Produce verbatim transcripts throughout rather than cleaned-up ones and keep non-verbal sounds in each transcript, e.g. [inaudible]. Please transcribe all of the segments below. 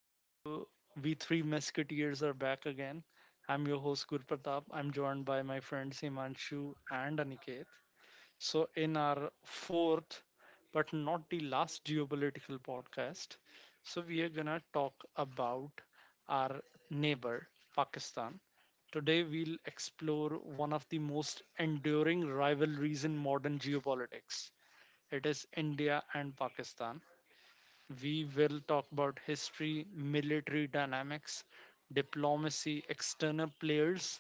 So, we three Musketeers are back again. I'm your host, Gur Pratap. I'm joined by my friends Himanshu and Aniket. So, in our fourth, but not the last geopolitical podcast, so we are gonna talk about our neighbor, Pakistan. Today, we'll explore one of the most enduring rivalries in modern geopolitics. It is India and Pakistan. We will talk about history, military dynamics, diplomacy, external players,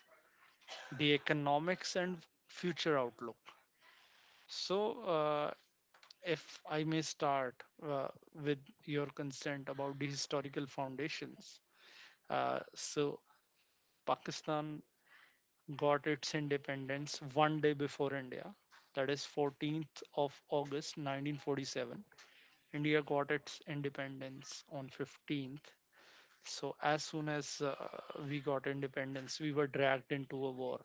the economics, and future outlook. So, uh, if I may start uh, with your consent about the historical foundations. Uh, so, Pakistan got its independence one day before India, that is fourteenth of August nineteen forty-seven. India got its independence on fifteenth. So as soon as uh, we got independence, we were dragged into a war.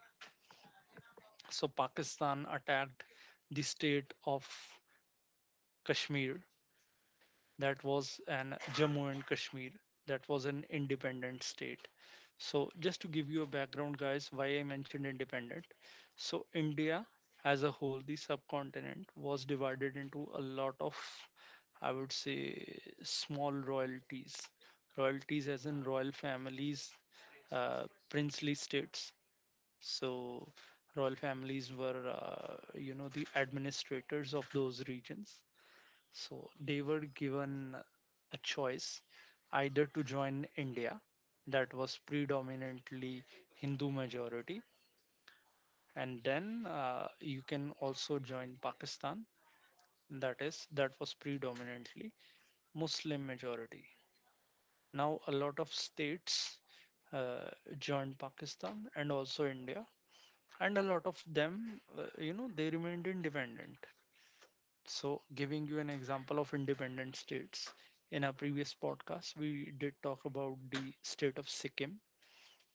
So Pakistan attacked the state of Kashmir. That was an Jammu and Kashmir. That was an independent state. So just to give you a background, guys, why I mentioned independent. So India as a whole, the subcontinent was divided into a lot of, I would say, small royalties. Royalties as in royal families, uh, princely states. So royal families were, uh, you know, the administrators of those regions. So they were given a choice either to join India, that was predominantly Hindu majority, and then uh, you can also join Pakistan, that is, that was predominantly Muslim majority. Now, a lot of states uh, joined Pakistan and also India, and a lot of them uh, you know they remained independent. So giving you an example of independent states, in our previous podcast we did talk about the state of Sikkim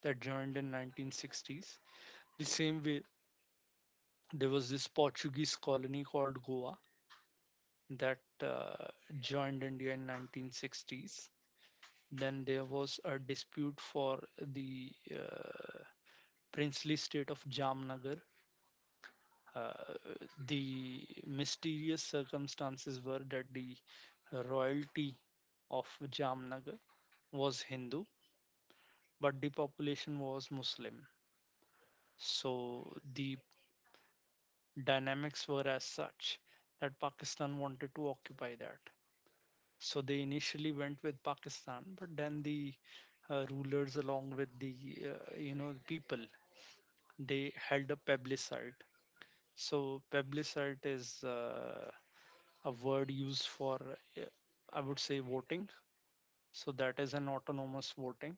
that joined in nineteen sixties. The same way, there was this Portuguese colony called Goa that uh, joined India in nineteen sixties. Then there was a dispute for the uh, princely state of Jamnagar. Uh, the mysterious circumstances were that the royalty of Jamnagar was Hindu, but the population was Muslim. So the dynamics were as such that Pakistan wanted to occupy that. So they initially went with Pakistan, but then the uh, rulers, along with the uh, you know people, they held a plebiscite. So plebiscite is uh, a word used for, uh, I would say, voting. So that is an autonomous voting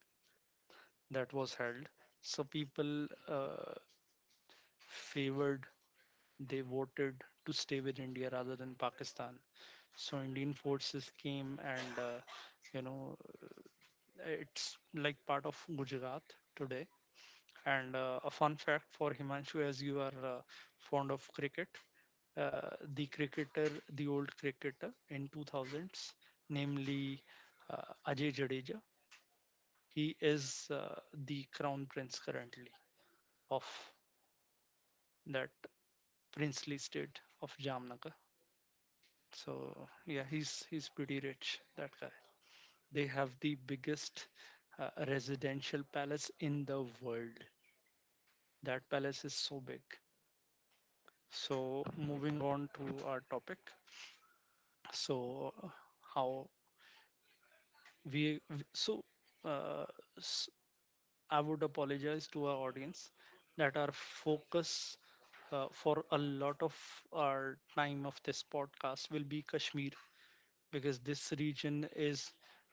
that was held. So people uh, favored, they voted to stay with India rather than Pakistan. So Indian forces came and, uh, you know, it's like part of Gujarat today. And uh, a fun fact for Himanshu, as you are uh, fond of cricket, uh, the cricketer, the old cricketer in two thousands, namely uh, Ajay Jadeja. He is uh, the crown prince currently of that princely state of Jamnagar. So yeah, he's he's pretty rich. That guy. They have the biggest uh, residential palace in the world. That palace is so big. So moving on to our topic. So how we w- so uh, s- I would apologize to our audience that our focus uh, for a lot of our time of this podcast will be Kashmir, because this region is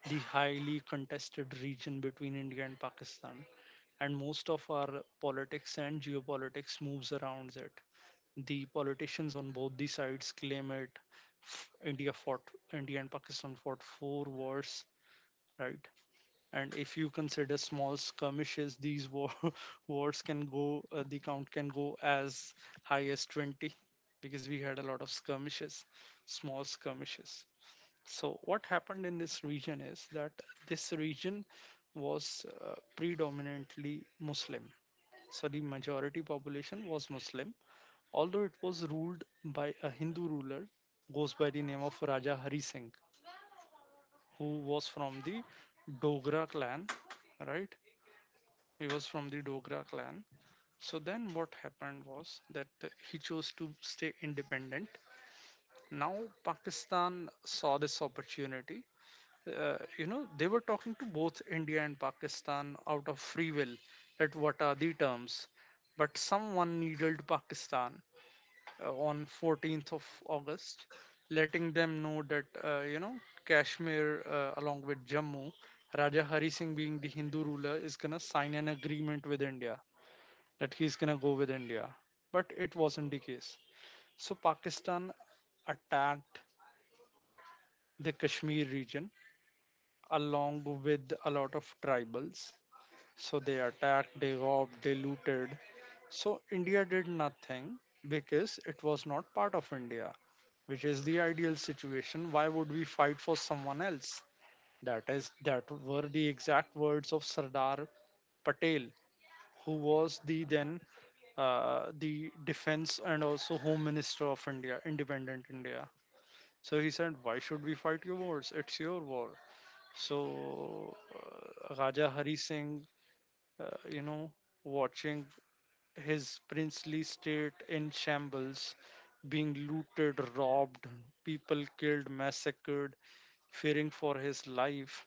the highly contested region between India and Pakistan, and most of our politics and geopolitics moves around it. The politicians on both the sides claim it. F- india fought, India and Pakistan fought four wars, right? And if you consider small skirmishes, these war, [laughs] wars can go uh, the count can go as high as twenty, because we had a lot of skirmishes, small skirmishes. So what happened in this region is that this region was uh, predominantly Muslim. So the majority population was Muslim, although it was ruled by a Hindu ruler, goes by the name of Raja Hari Singh, who was from the Dogra clan, right? He was from the Dogra clan. So then what happened was that he chose to stay independent. Now Pakistan saw this opportunity. Uh, you know, they were talking to both India and Pakistan out of free will at what are the terms. But someone needled Pakistan uh, on fourteenth of August, letting them know that, uh, you know, Kashmir uh, along with Jammu, Raja Hari Singh, being the Hindu ruler, is going to sign an agreement with India, that he's going to go with India. But it wasn't the case. So Pakistan attacked the Kashmir region along with a lot of tribals. So they attacked, they robbed, they looted. So India did nothing because it was not part of India, which is the ideal situation. Why would we fight for someone else? That is, that were the exact words of Sardar Patel, who was the then uh, the defense and also home minister of India, independent India. So he said, why should we fight your wars? It's your war. So uh, Raja Hari Singh, uh, you know, watching his princely state in shambles, being looted, robbed, people killed, massacred, fearing for his life,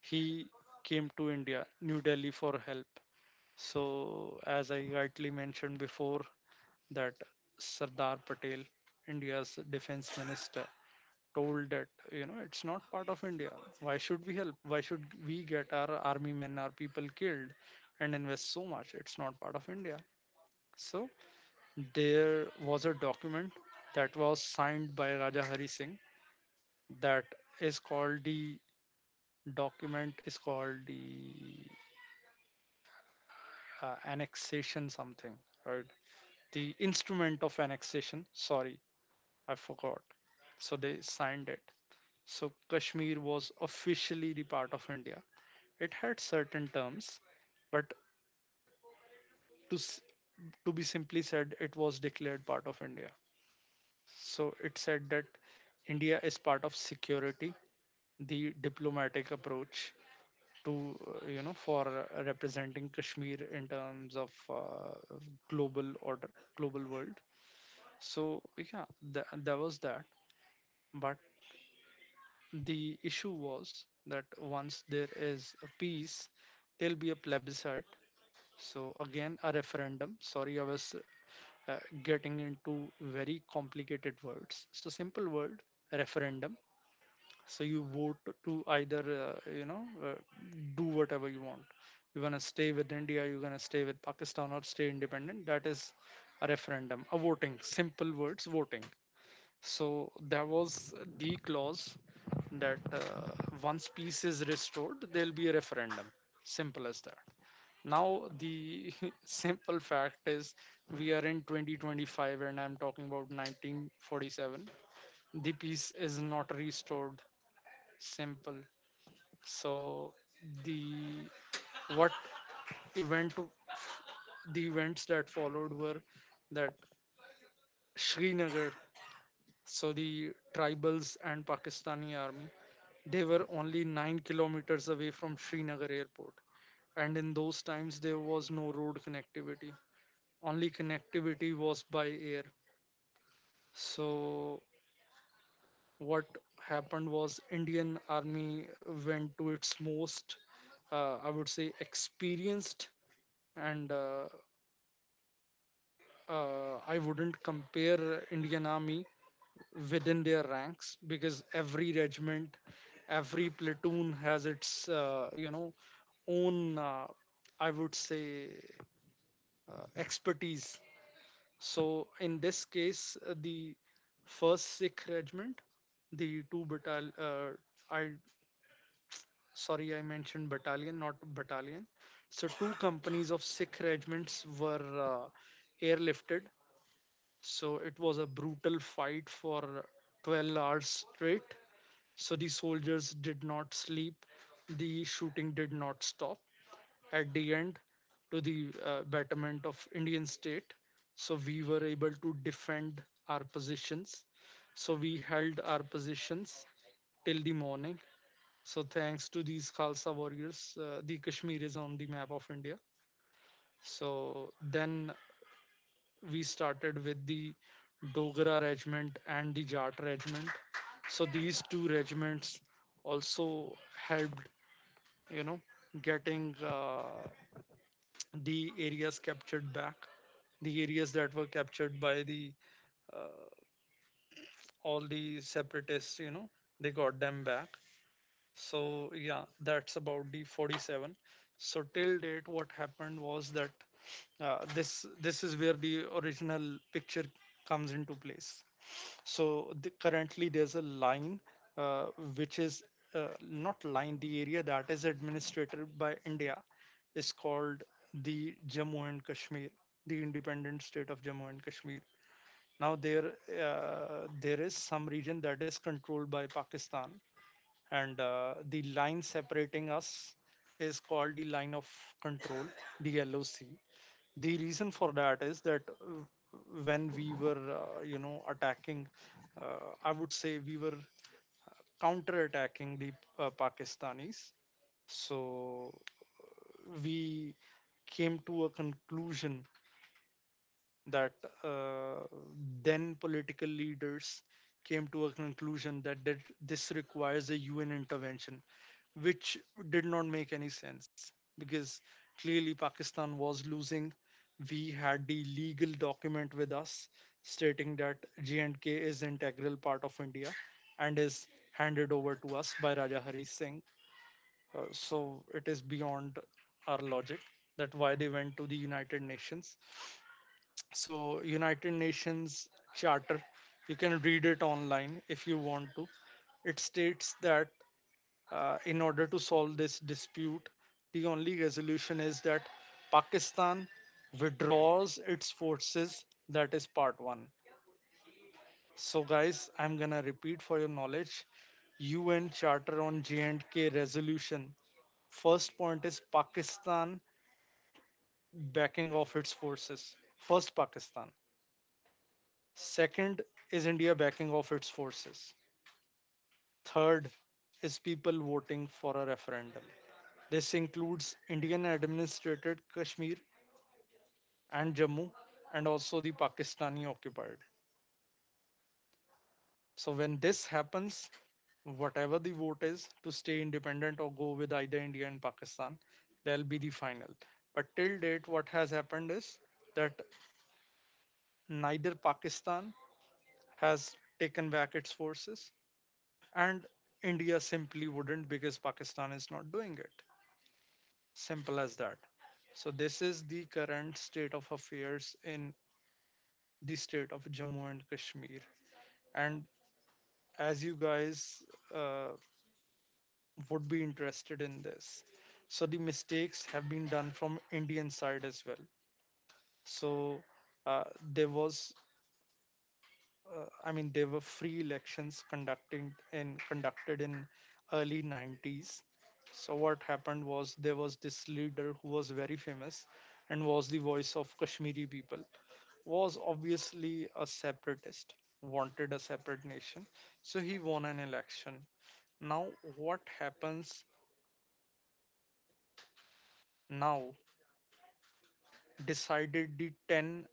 he came to India, New Delhi for help. So, as I rightly mentioned before, that Sardar Patel, India's defense minister, told that you know it's not part of India. Why should we help? Why should we get our army men, our people killed, and invest so much? It's not part of India. So there was a document that was signed by Raja Hari Singh that is called the document is called the uh, annexation something, right? The instrument of annexation, sorry, I forgot. So they signed it. So Kashmir was officially the part of India. It had certain terms, but to s- to be simply said, it was declared part of India. So it said that India is part of security, the diplomatic approach to uh, you know for uh, representing Kashmir in terms of uh, global order, global world. So yeah, tha- there was that, but the issue was that once there is a peace, there'll be a plebiscite. So again, a referendum. Sorry, I was uh, getting into very complicated words. So simple word, referendum. So you vote to either uh, you know uh, do whatever you want. You want to stay with India, you're gonna stay with Pakistan or stay independent. That is a referendum, a voting. Simple words, voting. So there was the clause that uh, once peace is restored, there'll be a referendum. Simple as that. Now, the [laughs] simple fact is we are in twenty twenty-five and I'm talking about nineteen forty-seven. The peace is not restored. Simple. So the what event the events that followed were that Srinagar, so the tribals and Pakistani army, they were only nine kilometers away from Srinagar airport, and in those times there was no road connectivity. Only connectivity was by air. So, what happened was Indian Army went to its most, uh, I would say, experienced, and uh, uh, I wouldn't compare Indian Army within their ranks because every regiment, every platoon has its uh, you know own uh, I would say uh, expertise. So in this case uh, the first Sikh regiment, the two battalion uh, I sorry I mentioned battalion not battalion, so two companies of Sikh regiments were uh, airlifted. So it was a brutal fight for twelve hours straight. So the soldiers did not sleep. The shooting did not stop. At the end, to the uh, betterment of Indian state, so we were able to defend our positions. So we held our positions till the morning. So thanks to these Khalsa warriors, uh, the Kashmir is on the map of India. So then we started with the Dogra regiment and the Jat regiment. So these two regiments also helped, you know, getting uh, the areas captured back, the areas that were captured by the uh, all the separatists, you know, they got them back. So yeah, that's about the forty-seven. So till date what happened was that uh, this this is where the original picture comes into place. So the, currently there's a line uh, which is uh, not line, the area that is administered by India is called the Jammu and Kashmir, the independent state of Jammu and Kashmir. Now there uh, there is some region that is controlled by Pakistan, and uh, the line separating us is called the line of control, the L O C. The reason for that is that uh, when we were uh, you know attacking, uh, I would say we were counter attacking the uh, Pakistanis. So we came to a conclusion that uh, then political leaders came to a conclusion that, that this requires a U N intervention, which did not make any sense because clearly Pakistan was losing. We had the legal document with us stating that J and K is integral part of India and is handed over to us by Raja Hari Singh. Uh, so it is beyond our logic that why they went to the United Nations. So United Nations charter, you can read it online if you want to. It states that uh, in order to solve this dispute, the only resolution is that Pakistan withdraws its forces. That is part one. So guys, I'm going to repeat for your knowledge, UN charter on J&K resolution. First point is Pakistan backing off its forces. First Pakistan. Second is India backing off its forces. Third is people voting for a referendum. This includes Indian administrated Kashmir and Jammu and also the Pakistani occupied. So when this happens, whatever the vote is to stay independent or go with either India and Pakistan, that will be the final. But till date, what has happened is that neither Pakistan has taken back its forces and India simply wouldn't because Pakistan is not doing it. Simple as that. So this is the current state of affairs in the state of Jammu and Kashmir. And as you guys uh, would be interested in this, so the mistakes have been done from Indian side as well. So, uh, there was uh, I mean, there were free elections conducting in conducted in early nineties. So what happened was there was this leader who was very famous and was the voice of Kashmiri people. Was obviously a separatist, wanted a separate nation. So he won an election. Now what happens now decided the ten,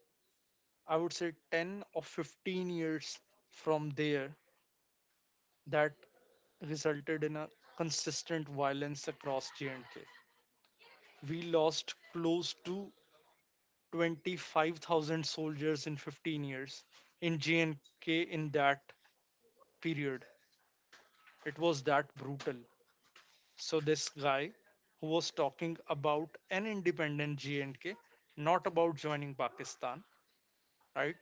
I would say ten or fifteen years from there, that resulted in a consistent violence across J and K. We lost close to twenty-five thousand soldiers in fifteen years in J and K in that period. It was that brutal. So this guy who was talking about an independent J and K, not about joining Pakistan, right?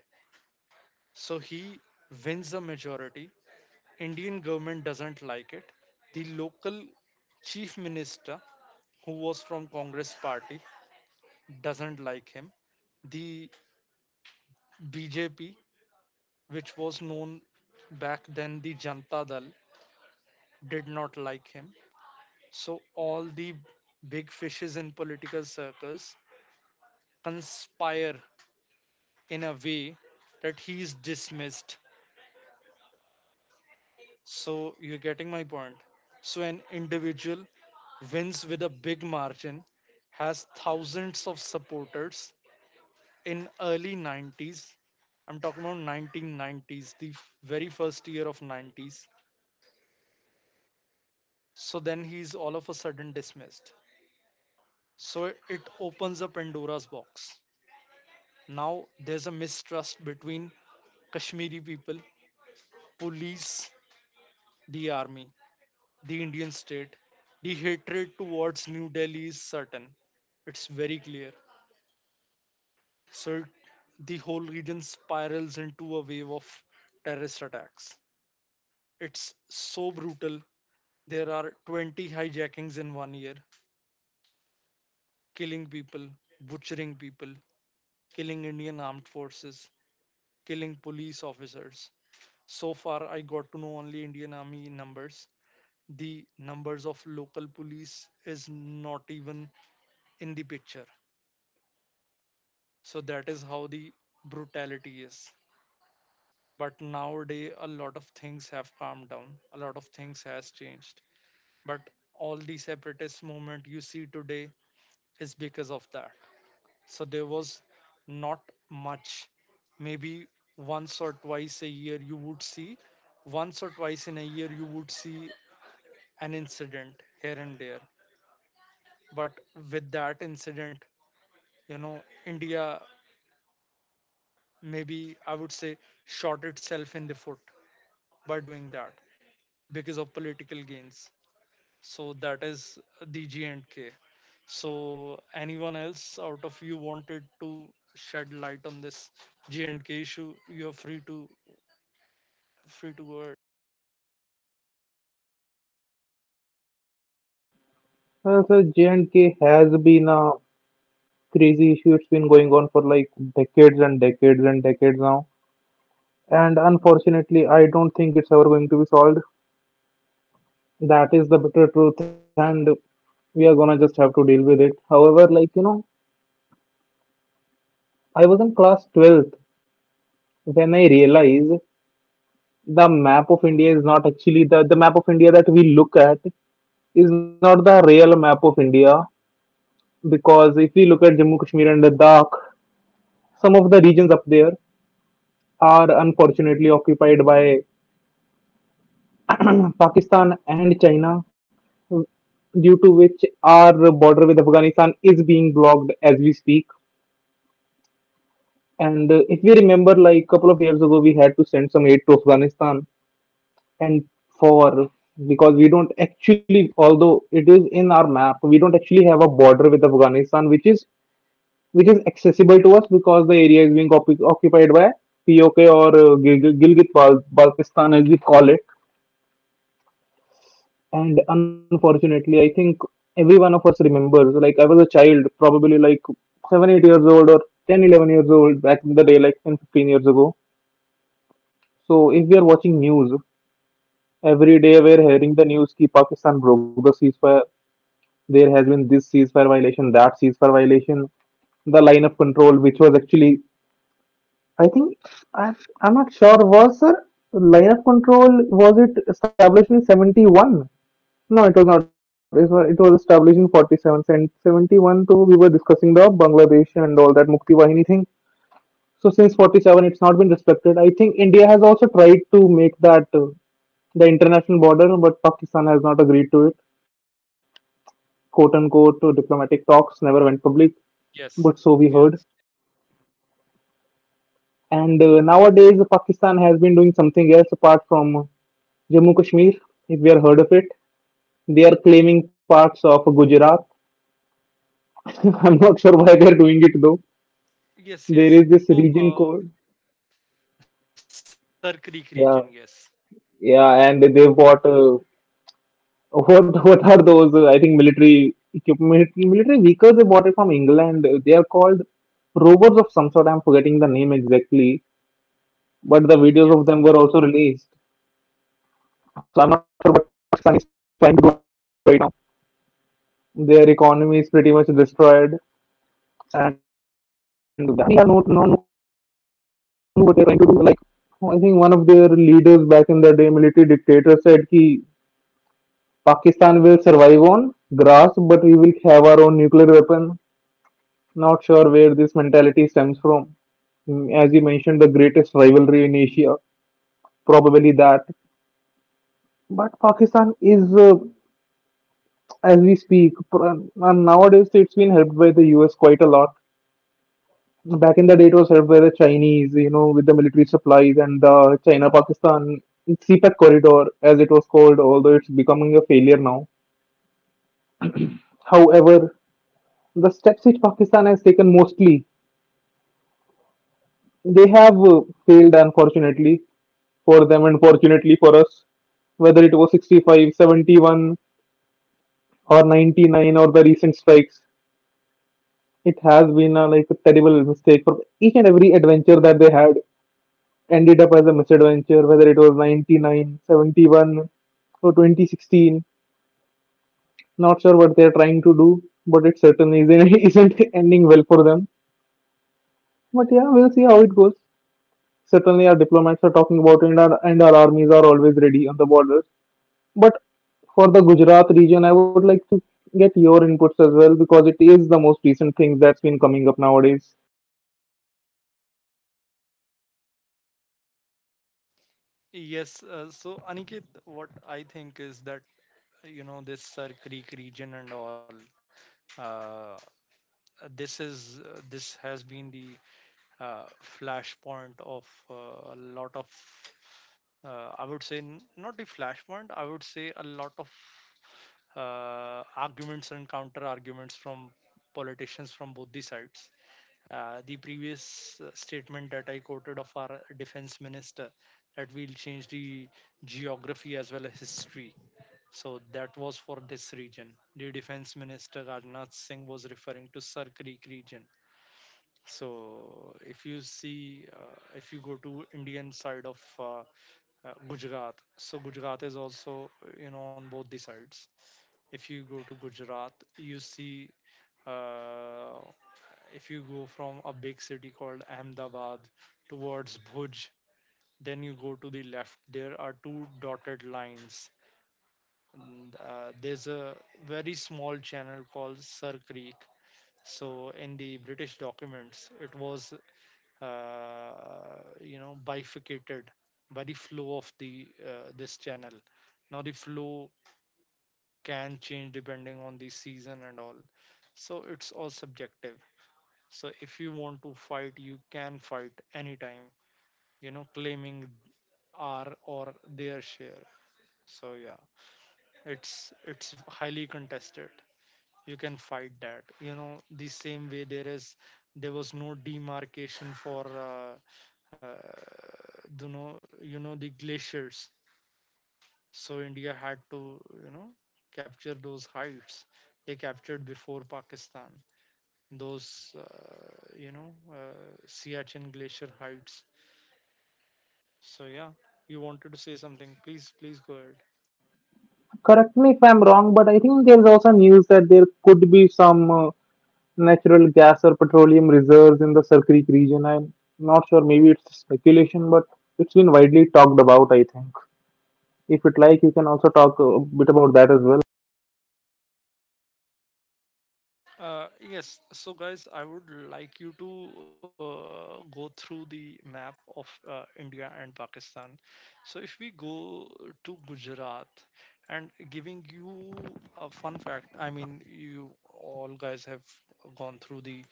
So he wins a majority, Indian government doesn't like it. The local chief minister, who was from Congress party, doesn't like him. The B J P, which was known back then the Janata Dal, did not like him. So all the big fishes in political circles conspire in a way that he is dismissed. So you're getting my point. So an individual wins with a big margin, has thousands of supporters in early nineties. I'm talking about nineteen nineties, the f- very first year of nineties. So then he's all of a sudden dismissed. So it it opens up Pandora's box. Now there's a mistrust between Kashmiri people, police, the army, the Indian state. The hatred towards New Delhi is certain. It's very clear. So the whole region spirals into a wave of terrorist attacks. It's so brutal. There are twenty hijackings in one year, killing people, butchering people, killing Indian armed forces, killing police officers. So far, I got to know only Indian Army numbers. The numbers of local police is not even in the picture. So that is how the brutality is. But nowadays, a lot of things have calmed down. A lot of things has changed. But all the separatist movement you see today is because of that. So there was not much. Maybe once or twice a year you would see, once or twice in a year you would see an incident here and there. But with that incident, you know, India, maybe I would say, shot itself in the foot by doing that because of political gains. So that is the G and K. So anyone else out of you wanted to shed light on this G and K issue, you're free to free to go ahead. Uh, so J and K has been a crazy issue. It's been going on for like decades and decades and decades now. And unfortunately, I don't think it's ever going to be solved. That is the bitter truth, and we are gonna just have to deal with it. However, like you know, I was in class twelfth when I realized the map of India is not actually the the map of India that we look at is not the real map of India, because if we look at Jammu Kashmir and Ladakh, some of the regions up there are unfortunately occupied by Pakistan and China, due to which our border with Afghanistan is being blocked as we speak. And uh, if we remember, like a couple of years ago, we had to send some aid to Afghanistan, and for because we don't actually, although it is in our map, we don't actually have a border with Afghanistan, which is which is accessible to us, because the area is being occup- occupied by P O K, or uh, Gil- Gilgit Bal- Baltistan as we call it. And unfortunately, I think every one of us remembers, like I was a child, probably like seven eight years old, or ten, eleven years old back in the day, like ten, fifteen years ago. So if we are watching news, every day we're hearing the news ki Pakistan broke the ceasefire. There has been this ceasefire violation, that ceasefire violation. The line of control, which was actually, I think, i'm, I'm not sure, was, sir, line of control, was it established in seventy-one? No, it was not. It was, it was established in forty-seven and seventy-one. So we were discussing the Bangladesh and all that Mukti Vahini thing. So since forty-seven, it's not been respected. I think India has also tried to make that uh, the international border, but Pakistan has not agreed to it. Quote unquote, uh, diplomatic talks never went public, but so Yes. we heard. Yes. And uh, nowadays, Pakistan has been doing something else apart from Jammu Kashmir, if we are heard of it. They are claiming parts of Gujarat. [laughs] I'm not sure why they're doing it though. Yes, There yes. is this So region uh, called. Sir Creek region, yes. Yeah, yeah, and they bought uh, [laughs] what what are those? Uh, I think military equipment, military vehicles. They bought it from England. They are called rovers of some sort. I'm forgetting the name exactly, but the Yes. videos of them were also released. So I'm not sure what Pakistan is trying to do right now. Their economy is pretty much destroyed, and they have not not known what they're trying to do. Like I think one of their leaders back in the day, military dictator, said, "Ki Pakistan will survive on grass, but we will have our own nuclear weapon." Not sure where this mentality stems from. Mm, as you mentioned, the greatest rivalry in Asia, probably that. But Pakistan is, uh, as we speak, pr- and nowadays it's been helped by the U S quite a lot. Back in the day, it was helped by the Chinese, you know, with the military supplies and the China Pakistan CPEC corridor, as it was called, although it's becoming a failure now. However, the steps which Pakistan has taken mostly, they have uh, failed, unfortunately for them and fortunately for us, whether it was sixty-five seventy-one or ninety-nine or the recent strikes. It has been a like a terrible mistake. For each and every adventure that they had ended up as a misadventure, whether it was 99 seventy-one or twenty sixteen, not sure what they're trying to do, but it certainly isn't, [laughs] isn't ending well for them, but yeah, we'll see how it goes. Certainly our diplomats are talking about it, and our, and our armies are always ready on the borders. But for the Gujarat region, I would like to get your inputs as well, because it is the most recent thing that's been coming up nowadays. Yes. Uh, so Aniket, what I think is that you know this Sir Creek region and all. Uh, uh, this is uh, this has been the uh, flashpoint of uh, a lot of uh, I would say n- not the flashpoint, I would say a lot of uh, arguments and counter arguments from politicians from both the sides. Uh, the previous uh, statement that I quoted of our defense minister, that we'll change the geography as well as history, so that was for this region. The Defense Minister Rajnath Singh was referring to Sir Creek region. So if you see, uh, if you go to Indian side of uh, uh, Gujarat, so Gujarat is also, you know, on both the sides. If you go to Gujarat, you see. Uh, if you go from a big city called Ahmedabad towards Bhuj, then you go to the left. There are two dotted lines and uh, there's a very small channel called Sir Creek. So in the British documents, it was uh, you know, bifurcated by the flow of the uh, this channel. Now the flow can change depending on the season and all. So it's all subjective. So if you want to fight, you can fight anytime, you know, claiming our or their share. So yeah, it's it's highly contested. You can fight that. You know, the same way there is, there was no demarcation for uh, uh, you know, you know the glaciers. So India had to, you know, capture those heights. They captured before Pakistan those uh, you know, uh, Siachen glacier heights. So yeah, you wanted to say something? Please, please go ahead. Correct me if I'm wrong, but I think there's also news that there could be some uh, natural gas or petroleum reserves in the Sarkrik region. I'm not sure, maybe it's speculation, but it's been widely talked about, I think. If you'd like, you can also talk a bit about that as well. Uh, yes, so guys, I would like you to uh, go through the map of uh, India and Pakistan. So if we go to Gujarat and giving you a fun fact, I mean, you all guys have gone through the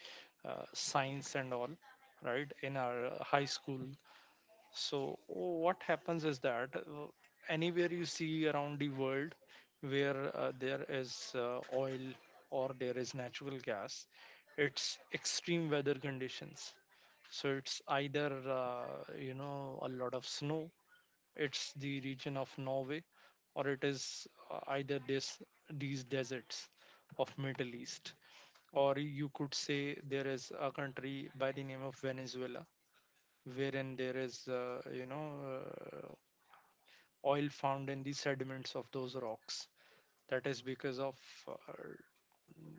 uh, science and all, right, in our uh, high school. So what happens is that uh, anywhere you see around the world where uh, there is uh, oil or there is natural gas, it's extreme weather conditions. So it's either uh, you know, a lot of snow, it's the region of Norway, or it is uh, either this, these deserts of Middle East, or you could say there is a country by the name of Venezuela, wherein there is, uh, you know, uh, oil found in the sediments of those rocks. That is because of, uh,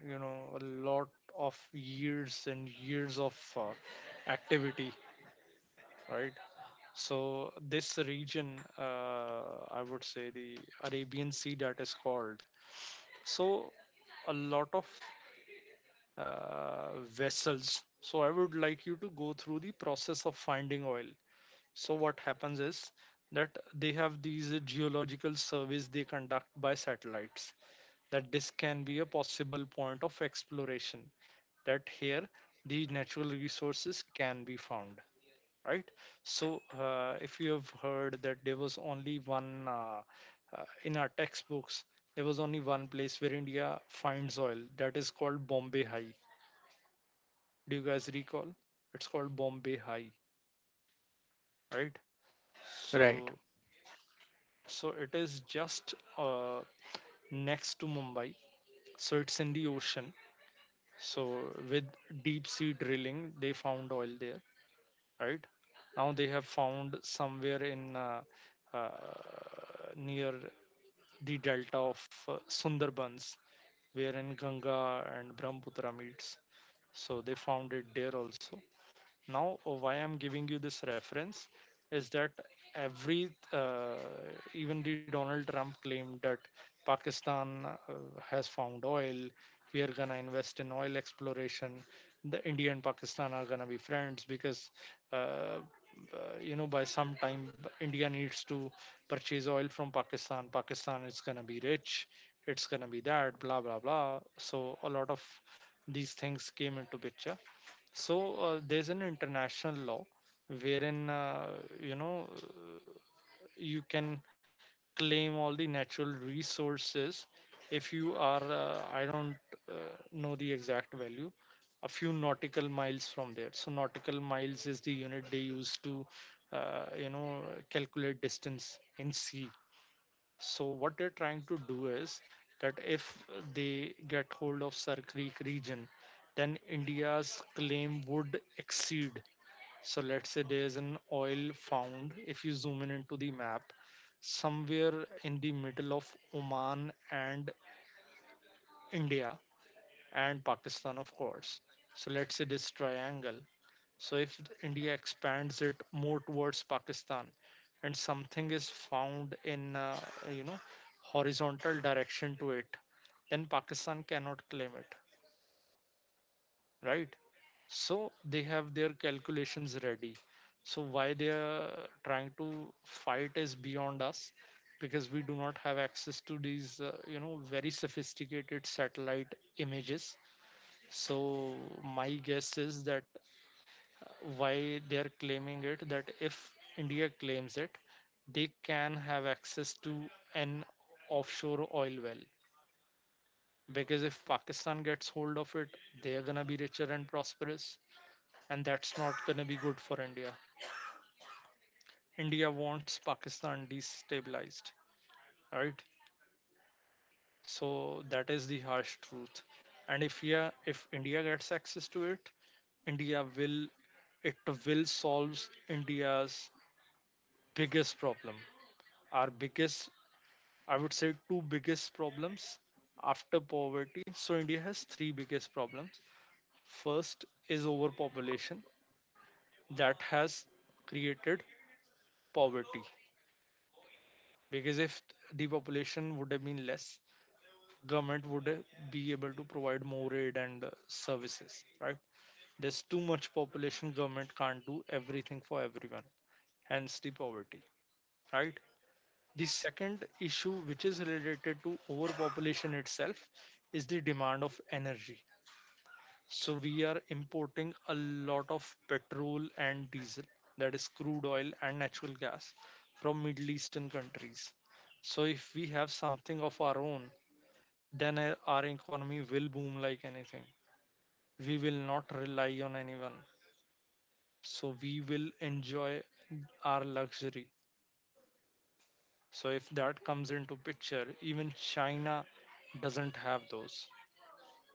you know, a lot of years and years of uh, activity, right? So this region, uh, I would say the Arabian Sea that is called. So a lot of uh, vessels. So I would like you to go through the process of finding oil. So what happens is that they have these uh, geological surveys they conduct by satellites. That this can be a possible point of exploration. That here the natural resources can be found, right? So uh, if you have heard that there was only one uh, uh, in our textbooks, there was only one place where India finds oil. That is called Bombay High. Do you guys recall? It's called Bombay High, right? Right. So so it is just uh, next to Mumbai. So it's in the ocean. So with deep sea drilling, they found oil there, right? Now they have found somewhere in uh, uh, near the delta of uh, Sundarbans, wherein Ganga and Brahmaputra meets. So they found it there also. Now uh, why I'm giving you this reference is that every uh, even the Donald Trump claimed that Pakistan uh, has found oil, we are going to invest in oil exploration. The India and Pakistan are going to be friends because uh, uh, you know, by some time India needs to purchase oil from Pakistan, Pakistan is going to be rich, it's going to be that, blah blah blah. So a lot of these things came into picture. So uh, there's an international law wherein uh, you know, you can claim all the natural resources if you are uh, I don't uh, know the exact value, a few nautical miles from there. So nautical miles is the unit they use to uh, you know, calculate distance in sea. So what they're trying to do is that if they get hold of Sir Creek region, then India's claim would exceed. So let's say there's an oil found, if you zoom in into the map, somewhere in the middle of Oman and India and Pakistan, of course. So let's say this triangle. So if India expands it more towards Pakistan and something is found in uh, you know, horizontal direction to it, then Pakistan cannot claim it, right? So they have their calculations ready. So why they are trying to fight is beyond us, because we do not have access to these uh, you know, very sophisticated satellite images. So my guess is that why they are claiming it, that if India claims it, they can have access to an offshore oil well. Because if Pakistan gets hold of it, they are gonna be richer and prosperous, and that's not gonna be good for India. India wants Pakistan destabilized, right? So that is the harsh truth. And if, yeah, if India gets access to it, India will, it will solve India's biggest problem. Our biggest, I would say two biggest problems after poverty. So India has three biggest problems. First is overpopulation that has created poverty, because if the population would have been less, government would uh, be able to provide more aid and uh, services, right? There's too much population, government can't do everything for everyone, hence the poverty, right? The second issue, which is related to overpopulation itself, is the demand of energy. So we are importing a lot of petrol and diesel, that is crude oil and natural gas from Middle Eastern countries. So if we have something of our own, then our our economy will boom like anything. We will not rely on anyone. So we will enjoy our luxury. So if that comes into picture, even China doesn't have those.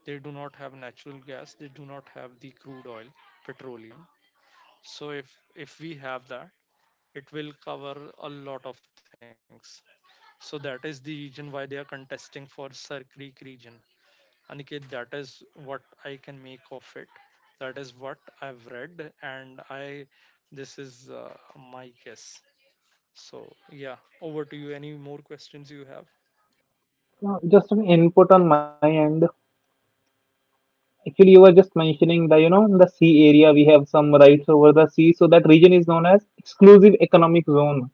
They do not have natural gas, they do not have the crude oil, petroleum. So if if we have that, it will cover a lot of things. So that is the reason why they are contesting for Sir Creek region. Aniket, that is what I can make of it. That is what I've read, and I, this is uh, my guess. So yeah, over to you, any more questions you have? Uh, Just an input on my end. Actually, you were just mentioning the, you know, the sea area. We have some rights over the sea. So that region is known as exclusive economic zone.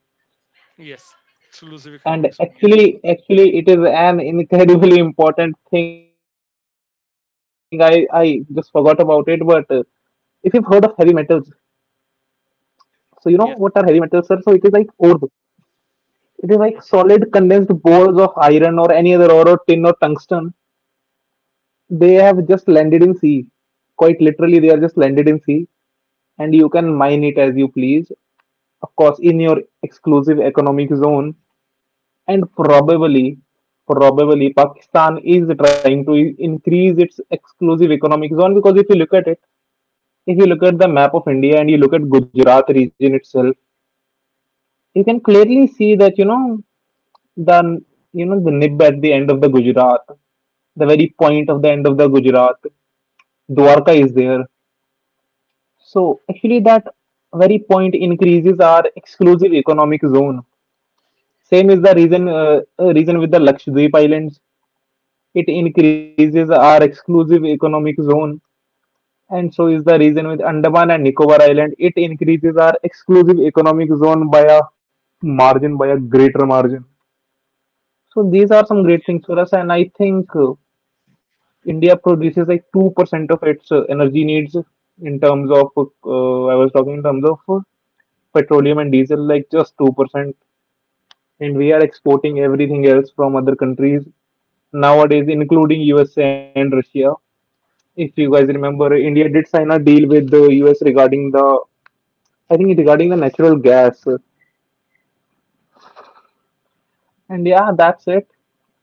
Yes. Exclusive And economics only, yes. actually, actually, it is an [laughs] incredibly important thing. I, I just forgot about it. But uh, if you've heard of heavy metals, so you know what are heavy metals, sir? So Yes. it is like orb. It is like solid Mhm. condensed balls of iron or any other ore or tin or tungsten. They have just landed in sea, quite literally. They are just landed in sea, and you can mine it as you please, of course, in your exclusive economic zone. And probably probably Pakistan is trying to i- increase its exclusive economic zone. Because if you look at it, if you look at the map of India and you look at Gujarat region itself, you can clearly see that, you know, the you know the nib at the end of the Gujarat, the very point of the end of the Gujarat. Dwarka is there. So actually that very point increases our exclusive economic zone. Same is the reason uh, uh, reason with the Lakshadweep Islands. It increases our exclusive economic zone, and so is the reason with Andaman and Nicobar Island. It increases our exclusive economic zone by a margin, by a greater margin. So these are some great Yes. things for us, and I think uh, India produces like two percent of its uh, energy needs. In terms of uh, I was talking in terms of uh, petroleum and diesel, like just two percent, and we are exporting everything else from other countries nowadays, including U S A and Russia. If you guys Importing, remember, sorry. India did sign a deal with the U S regarding the, I think regarding the natural gas. And yeah, that's it.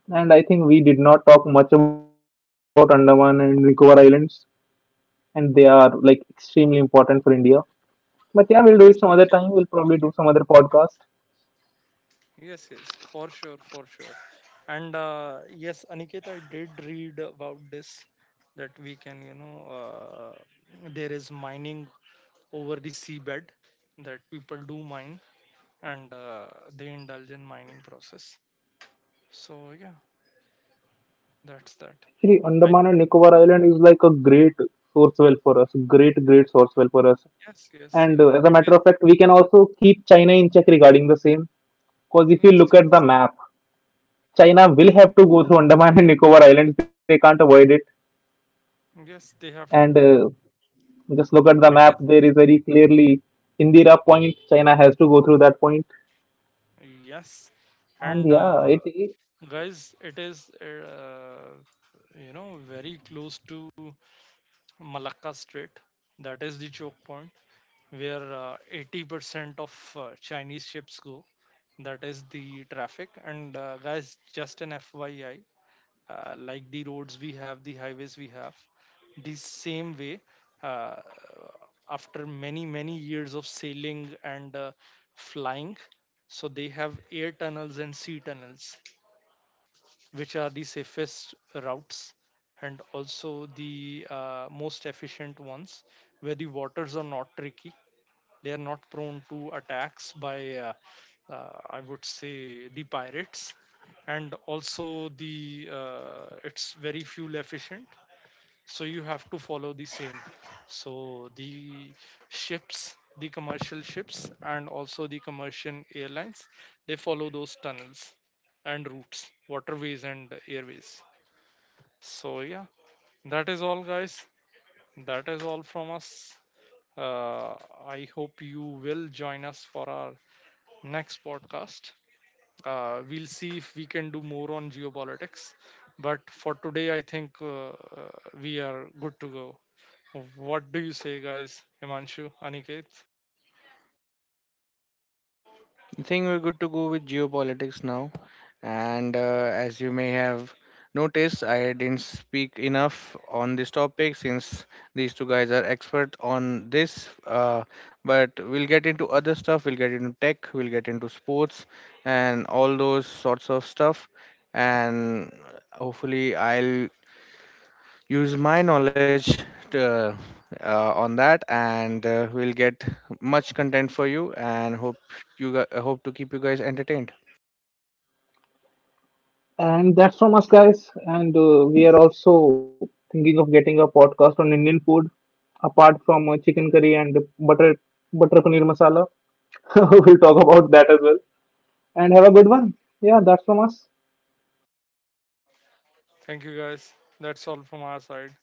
And I think we did not talk much about Andaman and Nicobar Islands, and they are like extremely important for India. But yeah, we'll do it some other Yes, time. we We'll can, probably do we some other podcast. can. Yes, yes, for sure, for sure. And uh, yes, Aniket, I did read about this, that we can, you know, uh, there is mining over the seabed, that people do mine and uh, they indulge in mining process. So yeah, that's that. Actually, I, Andaman and Nicobar Island is like a great source well for us. Great, great source well for us. yes, yes, yes, And uh, as a it is. matter of fact, we can also keep China in check regarding the same. Because if you Yes, look at the map, China will have to go through Andaman and Nicobar Islands. They can't avoid it. yes, yes, they And have to. uh, just look at the map. It is. There is very clearly Indira Point. China has to go through that point. Yes, And and uh, yeah, it, it guys, it is, uh, you know, very close to Malacca Strait. That is the choke point where uh, eighty percent of uh, Chinese ships go. That is the traffic. And uh, guys, just an F Y I, uh, like the roads we have, the highways we have, the same way, uh, after many, many years of sailing and uh, flying, so they have air tunnels and sea tunnels which are the safest routes and also the uh, most efficient ones, where the waters are not tricky, they are not prone to attacks by uh, uh, I would say the pirates, and also the uh, it's very fuel efficient. So you have to follow the same. So the ships, the commercial ships and also the commercial airlines, they follow those tunnels and routes, waterways and airways. So yeah, that is all, guys. That is all from us. uh, I hope you will join us for our next podcast. uh, we'll see if we can do more on geopolitics. But for today, I think uh, uh, we are good to go. What do you say, guys? Himanshu, Aniket, I think we're good to go with geopolitics now. And uh, as you may have noticed, I didn't speak enough on this topic since these two guys are expert on this. Uh, but we'll get into other stuff. We'll get into tech. We'll get into sports and all those sorts of stuff. And hopefully, I'll use my knowledge to, uh, on that and uh, we'll get much content for you and hope you gu- hope to keep you guys entertained and that's from us, guys. And uh, we are also thinking of getting a podcast on Indian food, apart from uh, chicken curry and butter butter paneer masala. [laughs] We'll talk about that as well. And have a good one. Yeah, that's from us. thank you, guys. That's all from our side.